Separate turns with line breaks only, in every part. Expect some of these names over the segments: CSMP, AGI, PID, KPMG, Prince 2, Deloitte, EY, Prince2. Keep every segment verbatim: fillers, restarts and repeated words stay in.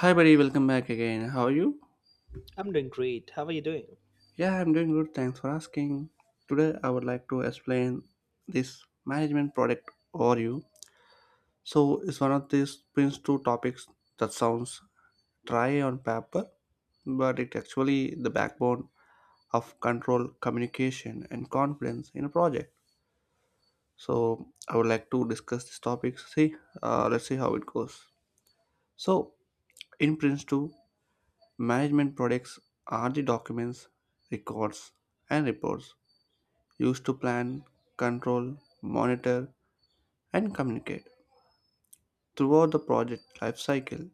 Hi, buddy, welcome back again. How are you?
I'm doing great. How are you doing?
Yeah, I'm doing good. Thanks for asking. Today, I would like to explain this management product overview. So, it's one of these Prince two topics that sounds dry on paper, but it actually the backbone of control, communication, and confidence in a project. So, I would like to discuss this topic. See, uh, let's see how it goes. So, in Prince two, management products are the documents, records, and reports used to plan, control, monitor, and communicate throughout the project lifecycle.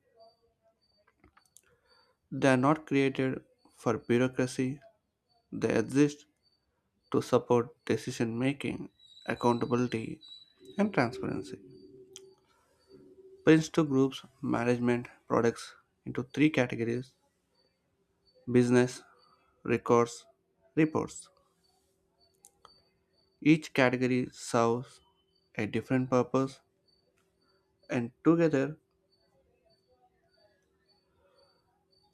They are not created for bureaucracy, they exist to support decision making, accountability, and transparency. Prince two groups management products into three categories: business, records, reports. Each category serves a different purpose, and together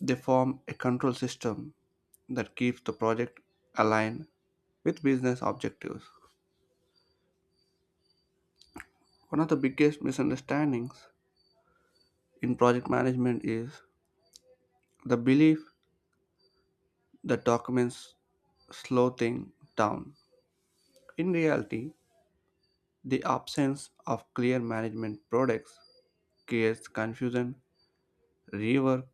they form a control system that keeps the project aligned with business objectives. One of the biggest misunderstandings in project management is the belief that documents slow things down. In reality, the absence of clear management products creates confusion, rework,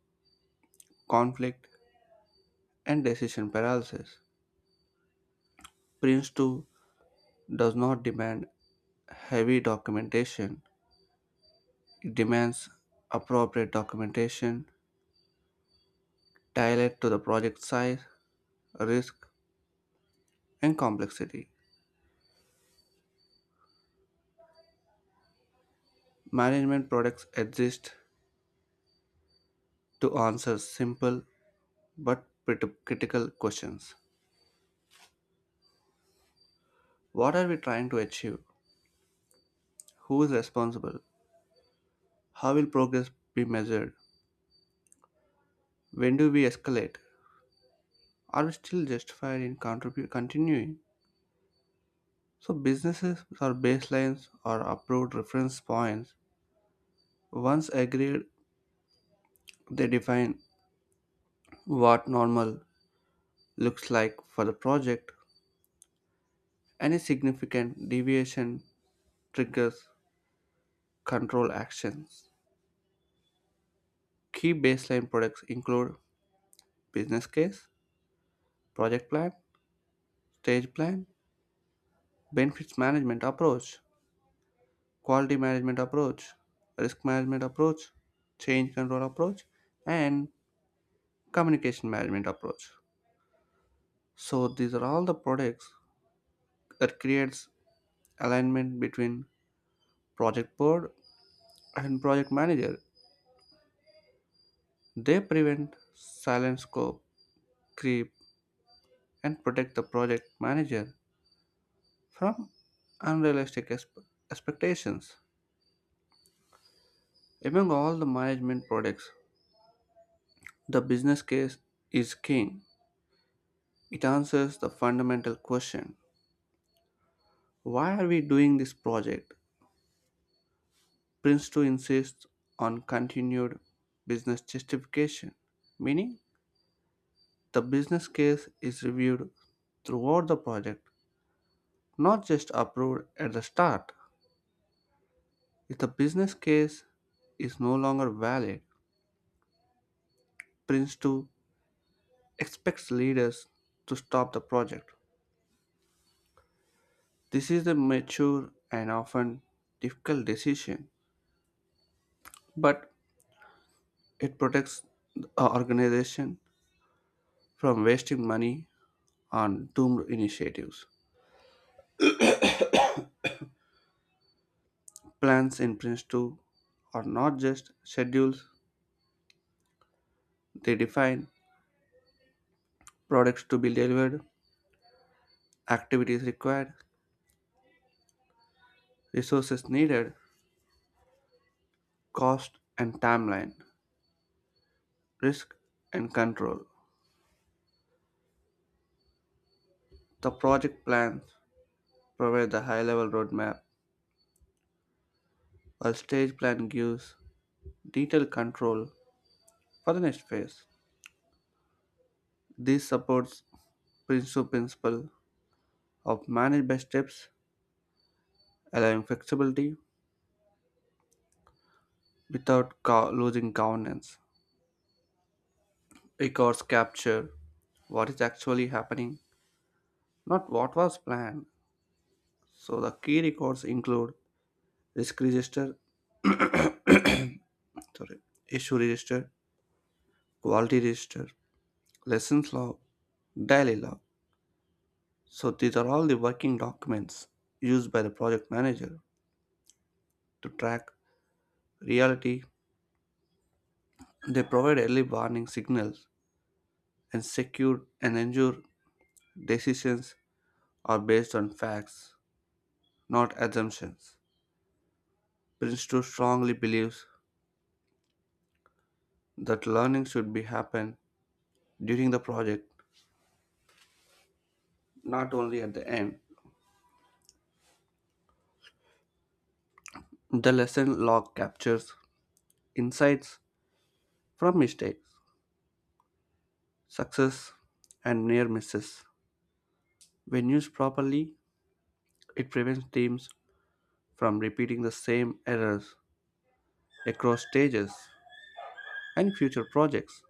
conflict, and decision paralysis. Prince two does not demand heavy documentation. It demands appropriate documentation tailored to the project size, risk, and complexity. Management products exist to answer simple but pretty critical questions. What are we trying to achieve? Who is responsible? How will progress be measured? When do we escalate? Are we still justified in contribu- continuing? So businesses or baselines or approved reference points. Once agreed, they define what normal looks like for the project. Any significant deviation triggers control actions. Key baseline products include business case, project plan, stage plan, benefits management approach, quality management approach, risk management approach, change control approach, and communication management approach. So these are all the products that creates alignment between project board and project manager. They prevent silent scope creep and protect the project manager from unrealistic exp- expectations. Among all the management products, the business case is king. It answers the fundamental question: why are we doing this project? Prince two insists on continued business justification, meaning the business case is reviewed throughout the project, not just approved at the start. If the business case is no longer valid, Prince two expects leaders to stop the project. This is a mature and often difficult decision, but it protects the organization from wasting money on doomed initiatives. Plans in Prince two are not just schedules, they define products to be delivered, activities required, resources needed, cost and timeline, risk and control. The project plans provide the high level roadmap, while stage plan gives detailed control for the next phase. This supports Prince's principle of manage by steps, allowing flexibility without co- losing governance. Records capture what is actually happening, not what was planned. So the key records include risk register, sorry, issue register, quality register, lessons log, daily log. So these are all the working documents used by the project manager to track reality. They provide early warning signals and secure and ensure decisions are based on facts, not assumptions. Prince two strongly believes that learning should be happen during the project, not only at the end. The lesson log captures insights from mistakes, success, and near misses. When used properly, it prevents teams from repeating the same errors across stages and future projects.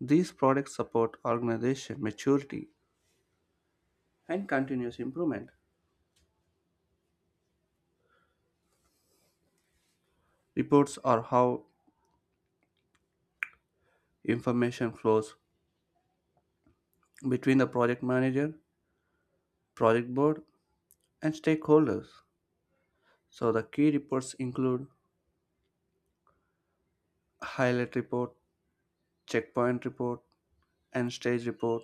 These products support organization maturity and continuous improvement. Reports are how information flows between the project manager, project board, and stakeholders. So the key reports include highlight report, checkpoint report, and stage report,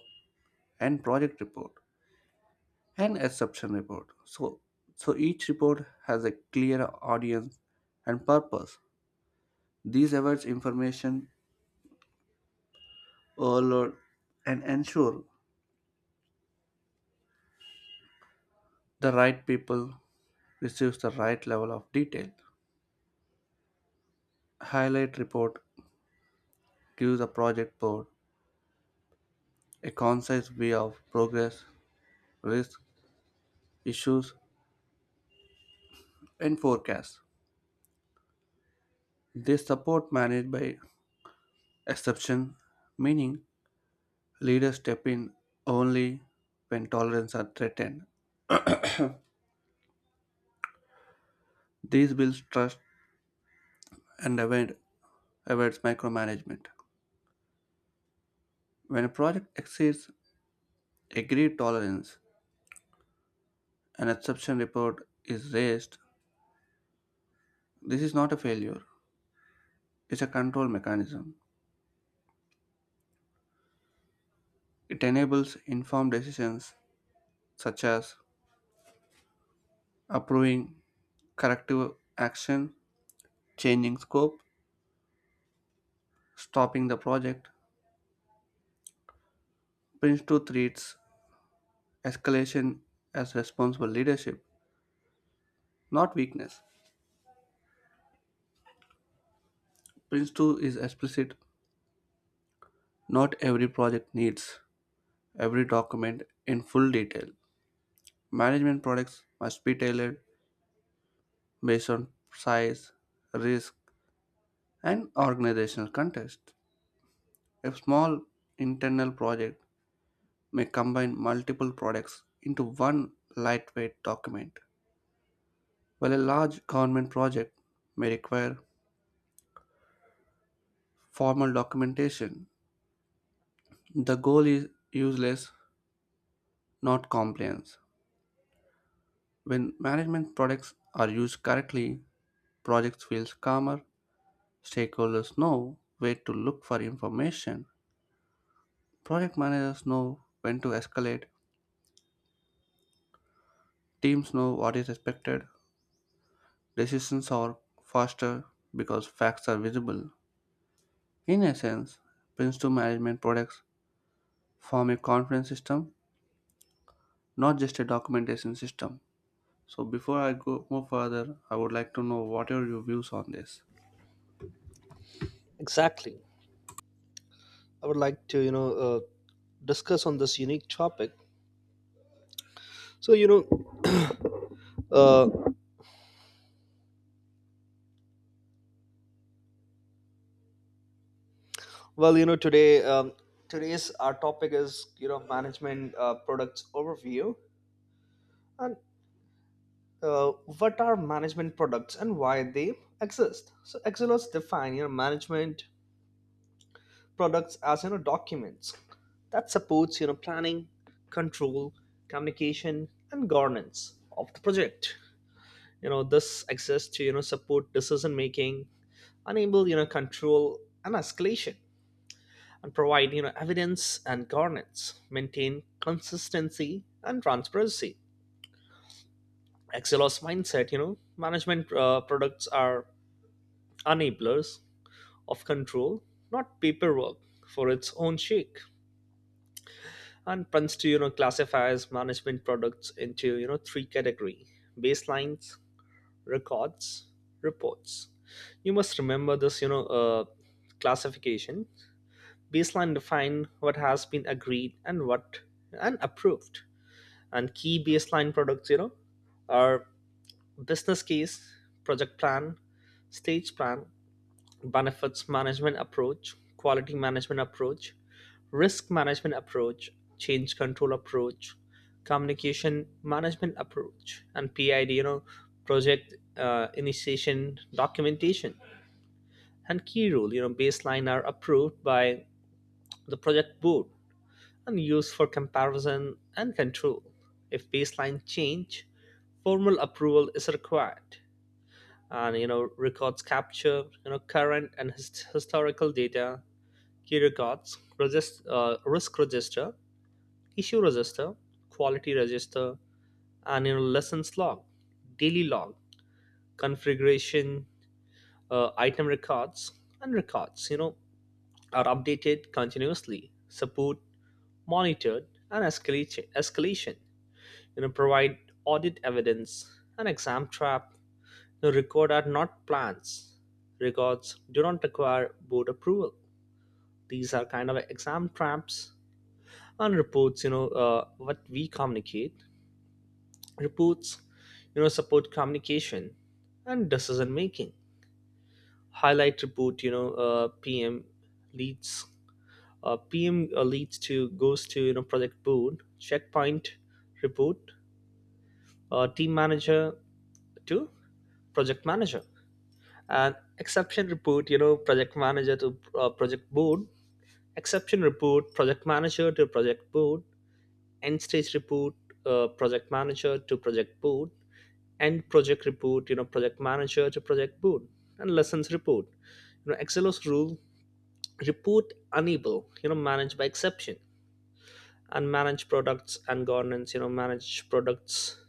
and project report, and exception report. So so each report has a clear audience and purpose. These avoids information overload and ensure the right people receives the right level of detail. Highlight report gives the project board a concise view of progress, risk, issues, and forecasts. They support managed by exception, meaning leaders step in only when tolerance are threatened. These builds trust and avoid, avoids micromanagement. When a project exceeds agreed tolerance, an exception report is raised, this is not a failure, it's a control mechanism. It enables informed decisions such as approving corrective action, changing scope, stopping the project. Prince two treats escalation as responsible leadership, not weakness. Prince two is explicit not every project needs every document in full detail. Management products must be tailored based on size, risk, and organizational context. A small internal project may combine multiple products into one lightweight document, while a large government project may require formal documentation. The goal is useless, not compliance. When management products are used correctly, projects feel calmer, stakeholders know where to look for information, project managers know when to escalate, teams know what is expected, decisions are faster because facts are visible. In essence, Prince two management products form a conference system, not just a documentation system. So before I go more further, I would like to know what are your views on this.
Exactly. I would like to, you know, uh, discuss on this unique topic. So, you know, uh, well, you know, today, um, today's our topic is, you know, management uh, products overview, and uh, what are management products and why they exist. So Excelos define, you know, management products as, you know, documents that supports, you know, planning, control, communication, and governance of the project. You know this access to you know support decision making, enable you know control and escalation, and provide you know evidence and governance, maintain consistency and transparency. Excelos mindset, you know management uh, products are enablers of control, not paperwork for its own sake. And plans to you know classifies management products into you know three category: baselines, records, reports. You must remember this, you know, uh, classification. Baseline define what has been agreed and what and approved. And key baseline products, you know, are business case, project plan, stage plan, benefits management approach, quality management approach, risk management approach, change control approach, communication management approach, and P I D, you know, project uh, initiation documentation. And key rule, you know, baseline are approved by the project board and used for comparison and control. If baseline change, formal approval is required. And you know records capture you know current and his- historical data. Key records regist- uh, risk register, issue register, quality register, and you know, lessons log, daily log, configuration, uh, item records, and records. You know are updated continuously, support monitored, and escalation. Escalation. You know provide audit evidence and exam trap. You know, record are not plans. Records do not require board approval. These are kind of exam traps. And reports. You know uh, what we communicate. Reports you know support communication and decision making. Highlight report, you know uh, pm leads uh, pm uh, leads to goes to you know project board. Checkpoint report, uh, team manager to project manager. And exception report, you know project manager to uh, project board. Exception report, project manager to project board. End stage report, uh, project manager to project board. End project report, you know project manager to project board. And lessons report. You know excelos rule: report unable, you know managed by exception. And manage products and governance, you know manage products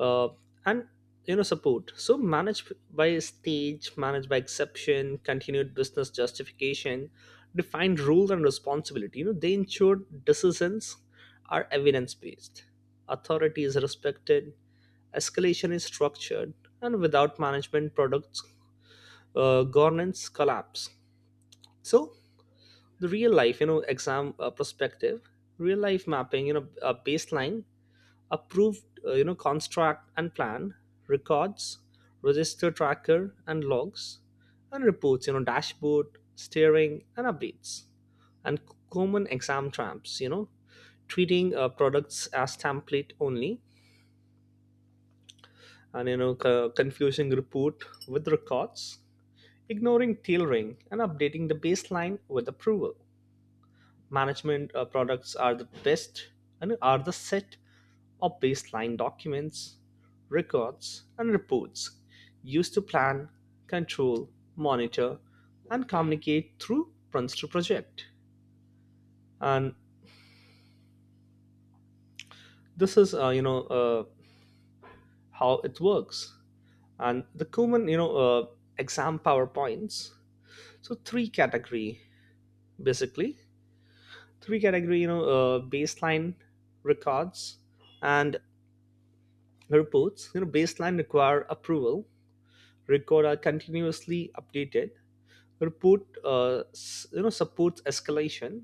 uh, and you know support, so managed by stage, managed by exception, continued business justification, defined rule and responsibility. You know they ensure decisions are evidence based, authority is respected, escalation is structured, and without management, products uh, governance collapse. So the real life, you know, exam uh, perspective, real life mapping, you know, a baseline, approved, uh, you know, construct and plan, records, register tracker and logs, and reports, you know, dashboard, steering and updates, and c- common exam traps, you know, treating uh, products as template only, and you know, co- confusing report with records, ignoring tailoring and updating the baseline with approval. Management uh, products are the best and are the set of baseline documents, records, and reports used to plan, control, monitor, and communicate through runs to project. And this is, uh, you know, uh, how it works. And the common, you know, uh, exam PowerPoints. So three category, basically three category you know uh, baseline, records, and reports. You know baseline require approval, record are continuously updated, report uh, s- you know supports escalation.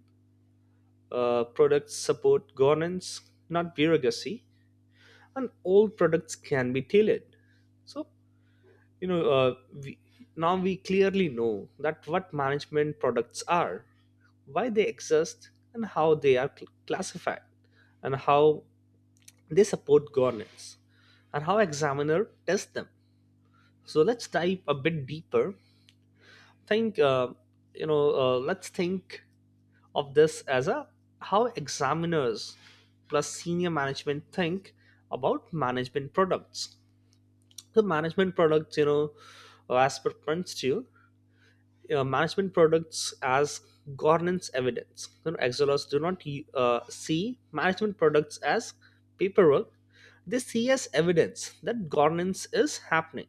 uh, Products support governance, not bureaucracy. And all products can be tailored. So you know uh, we, now we clearly know that what management products are, why they exist and how they are cl- classified, and how they support governance, and how examiner tests them. So let's dive a bit deeper. Think uh, you know uh, Let's think of this as a how examiners plus senior management think about management products. The management products, you know uh, as per principle, uh, management products as governance evidence. You know, Exolers do not uh, see management products as paperwork. They see as evidence that governance is happening.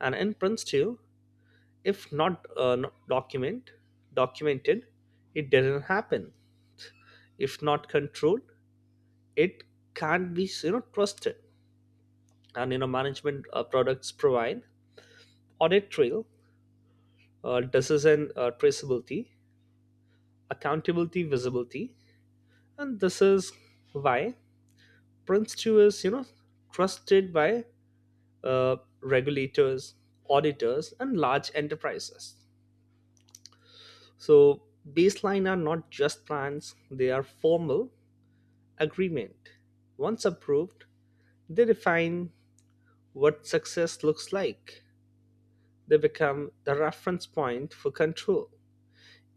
And in Prince two, if not, uh, not document, documented, it doesn't happen. If not controlled, it can't be you know trusted. And you know management uh, products provide audit trail, uh, decision uh, traceability, accountability visibility. And this is why prince two is you know trusted by uh, regulators, auditors and large enterprises. So baseline are not just plans, they are formal agreement. Once approved, they define what success looks like. They become the reference point for control.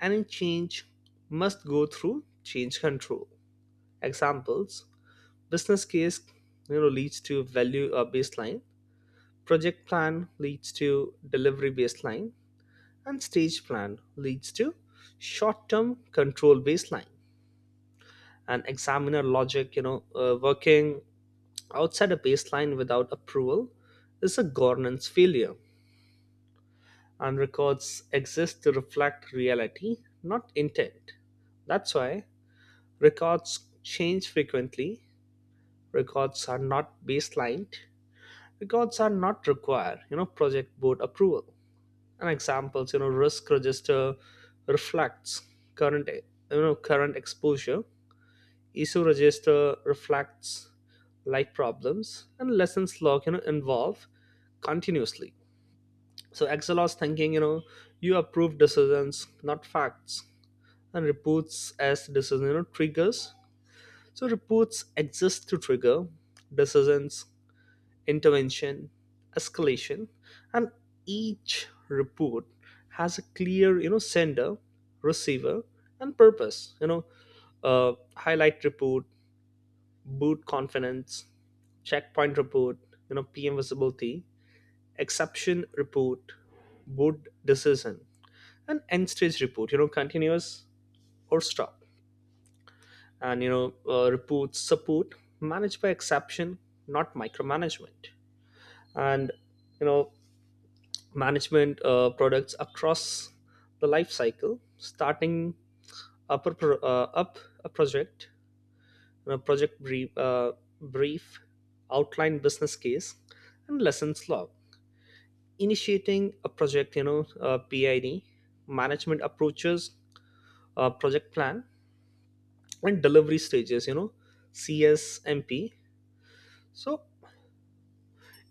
Any change must go through change control. Examples: business case you know leads to value or baseline, project plan leads to delivery baseline, and stage plan leads to short-term control baseline. And examiner logic, you know, uh, working outside a baseline without approval is a governance failure. And records exist to reflect reality, not intent. That's why records change frequently. Records are not baselined. Records are not required, you know, project board approval. And examples, you know risk register reflects current you know current exposure, issue register reflects life problems, and lessons log you know involve continuously. So Excelos thinking, you know you approve decisions, not facts. And reports as decision you know triggers. So reports exist to trigger decisions, intervention, escalation. And each report has a clear, you know, sender, receiver, and purpose. You know, uh, highlight report, boot confidence. Checkpoint report, you know, P M visibility. Exception report, boot decision. And end stage report, You know, continuous or stop. And you know, uh, reports support managed by exception, not micromanagement. And you know management uh, products across the life cycle. Starting up a, pro- uh, up a project: a project brief, uh, brief, outline business case, and lessons log. Initiating a project, you know, uh, P I D, management approaches, uh, project plan, and delivery stages, you know, C S M P. So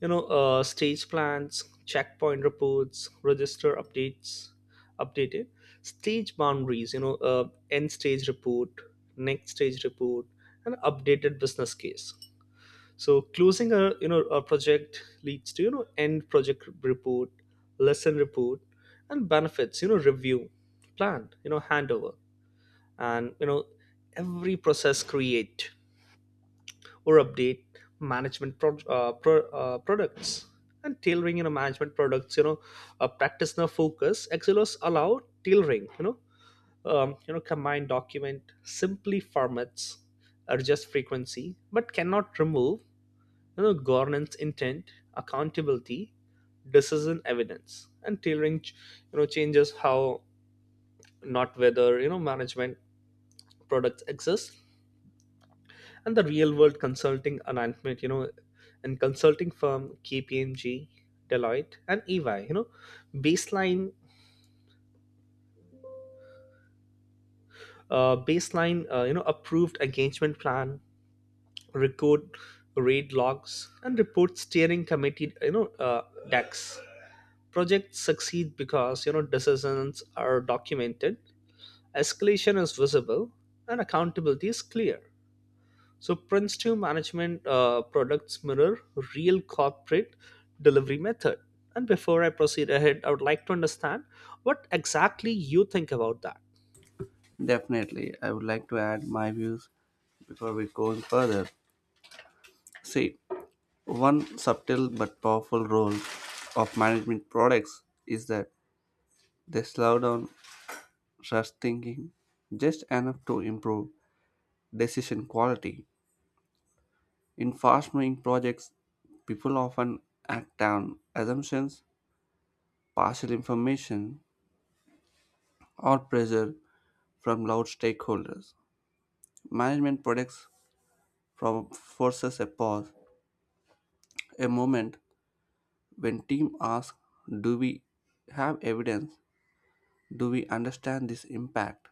you know uh, stage plans, checkpoint reports, register updates updated. Stage boundaries, you know uh, end stage report, next stage report, and updated business case. So closing a you know a project leads to you know end project report, lesson report, and benefits you know review plan, you know handover. And you know every process create or update management pro- uh, pro- uh, products. And tailoring, you know management products, you know uh, practitioner focus, Excelos allow tailoring, you know um, you know combine document, simply formats, adjust frequency, but cannot remove you know governance intent, accountability, decision evidence. And tailoring ch- you know changes how, not whether, you know management products exist. And the real world consulting alignment, you know and consulting firm KPMG, Deloitte and EY, you know baseline uh, baseline uh, you know approved engagement plan, record raid logs, and report steering committee, you know uh, decks. Projects succeed because you know decisions are documented, escalation is visible, and accountability is clear. So Prince two management uh, products mirror real corporate delivery method. And before I proceed ahead, I would like to understand what exactly you think about that.
Definitely, I would like to add my views before we go further. See, one subtle but powerful role of management products is that they slow down rush thinking just enough to improve decision quality. In fast moving projects, people often act on assumptions, partial information, or pressure from loud stakeholders. Management products from forces a pause, a moment when team asks, "Do we have evidence? Do we understand this impact?"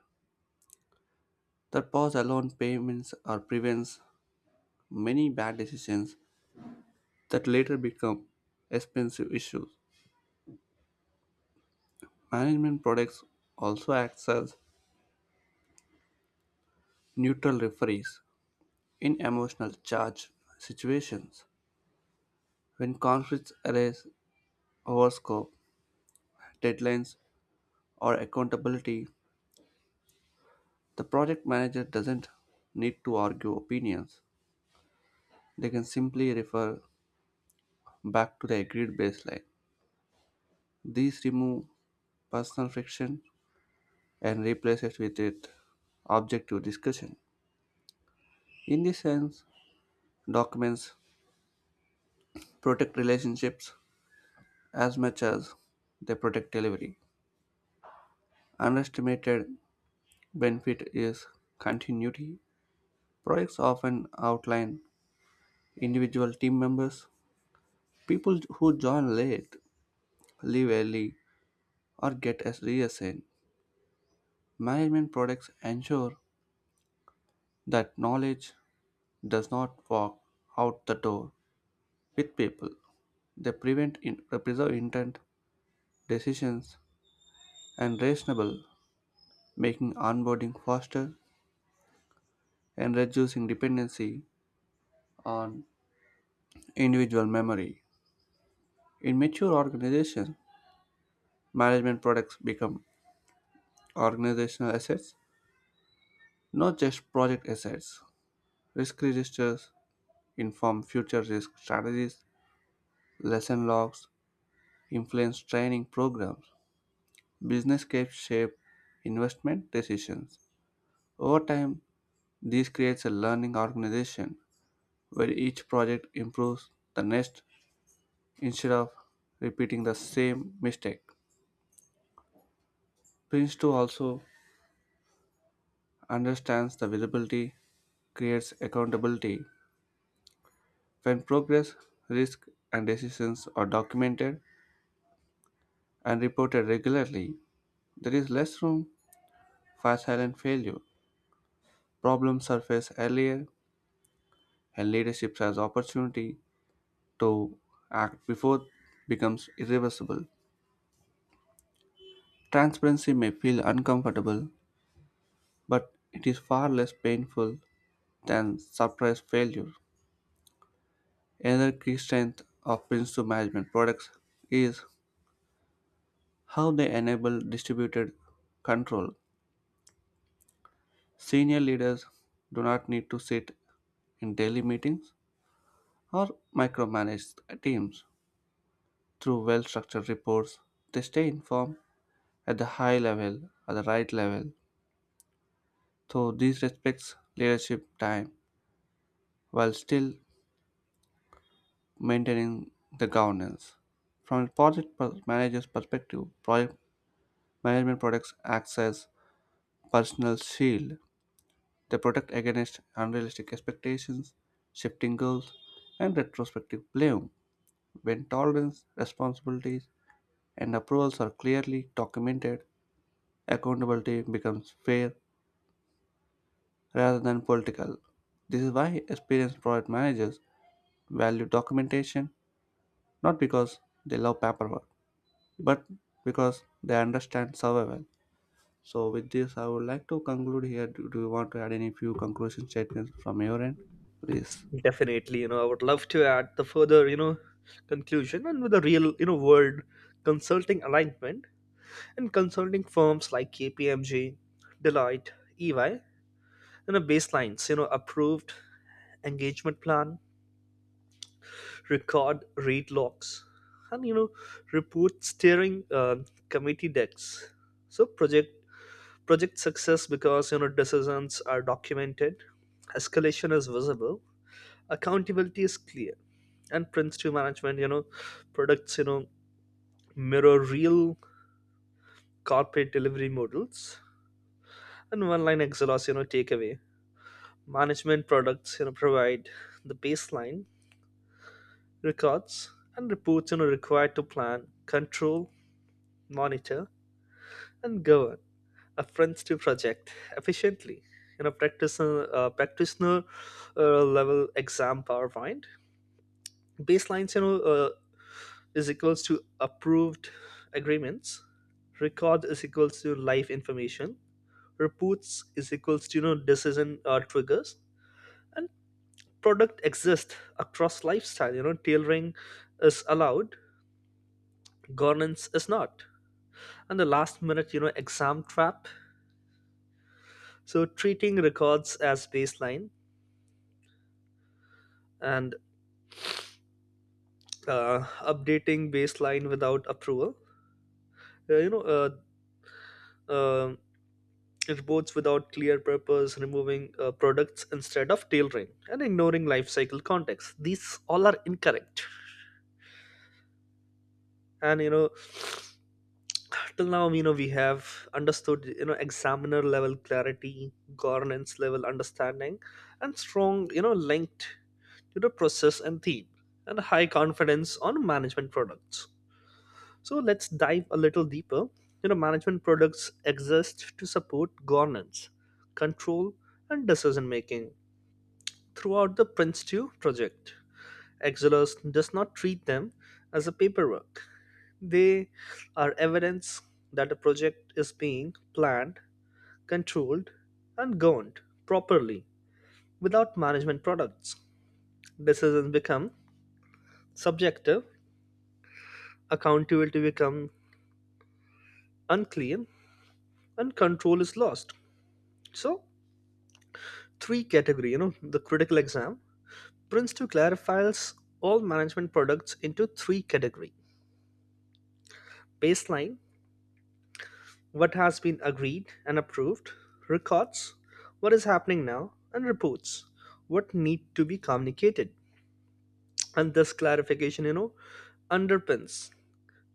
That pause alone payments or prevents many bad decisions that later become expensive issues. Management products also acts as neutral referees. In emotional charge situations, when conflicts arise over scope, deadlines, or accountability, the project manager doesn't need to argue opinions. They can simply refer back to the agreed baseline. These remove personal friction and replace it with it objective discussion. In this sense, documents protect relationships as much as they protect delivery. Underestimated benefit is continuity. Projects often outline individual team members. People who join late, leave early, or get as reassigned. Management products ensure that knowledge does not walk out the door with people. They prevent in, preserve intent, decisions, and reasonable, making onboarding faster and reducing dependency on individual memory. In mature organizations, management products become organizational assets not just project assets. Risk registers inform future risk strategies, lesson logs influence training programs, business case shape investment decisions. Over time, this creates a learning organization where each project improves the next instead of repeating the same mistake. Prince two also understands the visibility creates accountability. When progress, risk, and decisions are documented, and reported regularly, there is less room for silent failure. Problems surface earlier, and leadership has opportunity to act before it becomes irreversible. Transparency may feel uncomfortable, but it is far less painful than surprise failure. Another key strength of Prince two management products is how they enable distributed control. Senior leaders do not need to sit in daily meetings or micromanage teams. Through well structured reports, they stay informed at the high level, at the right level. So, this respects leadership time while still maintaining the governance. From a project per- manager's perspective, project management products acts as personal shield. They protect against unrealistic expectations, shifting goals, and retrospective blame. When tolerance, responsibilities, and approvals are clearly documented, accountability becomes fair rather than political. This is why experienced project managers value documentation not because they love paperwork, but because they understand survival. So, with this, I would like to conclude here. Do, do you want to add any few conclusion statements from your end? Please.
Definitely, you know, I would love to add the further, you know, conclusion. And with a real, you know, world consulting alignment and consulting firms like K P M G, Deloitte, E Y, you know, baselines, you know, approved engagement plan, record read logs, and you know report steering uh, committee decks. So project project success because you know decisions are documented, escalation is visible, accountability is clear. And Prince two management, you know products, you know mirror real corporate delivery models. And one line exhaust, you know takeaway: management products, you know provide the baseline, records, and reports you know required to plan, control, monitor, and govern a friends project efficiently. In a practitioner, uh, practitioner uh, level exam PowerPoint. Baselines, you know, uh, is equals to approved agreements. Record is equals to live information. Reports is equals to you know decision uh, triggers. And product exists across lifestyle. You know, tailoring is allowed. Governance is not. And the last minute, you know, exam trap. So treating records as baseline, and uh, updating baseline without approval, uh, you know uh, um reports without clear purpose, removing uh, products instead of tailoring, and ignoring life cycle context — these all are incorrect. And you know till now, you know we have understood you know examiner level clarity, governance level understanding, and strong you know linked to the process and theme, and high confidence on management products. So let's dive a little deeper. You know, management products exist to support governance, control, and decision making throughout the prince two project. Exilus does not treat them as a paperwork. They are evidence that a project is being planned, controlled, and governed properly. Without management products, decisions become subjective, accountability become unclean, and control is lost. So three category, you know the critical exam. Prince two clarifies all management products into three category: baseline, what has been agreed and approved; records, what is happening now; and reports, what need to be communicated. And this clarification, you know underpins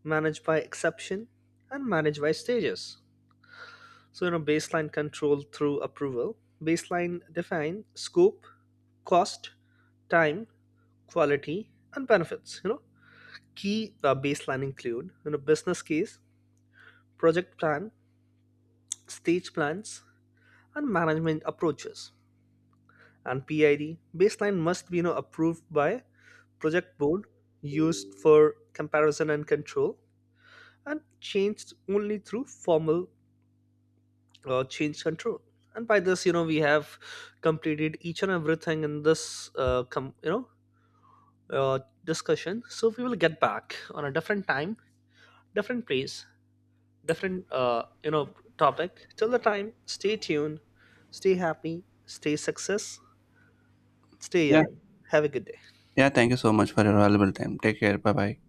managed by exception and managed by stages. So you know baseline control through approval. Baseline define scope, cost, time, quality, and benefits. You know, key uh, baseline include you know business case, project plan, stage plans, and management approaches. And P I D baseline must be you know approved by project board, used for comparison and control, and changed only through formal uh, change control. And by this, you know, we have completed each and everything in this, uh, com- you know, uh, discussion. So we will get back on a different time, different place, different uh, you know topic. Till the time, stay tuned, stay happy, stay success, stay
Yeah.
young, have a good day.
Yeah, thank you so much for your valuable time. Take care. Bye bye.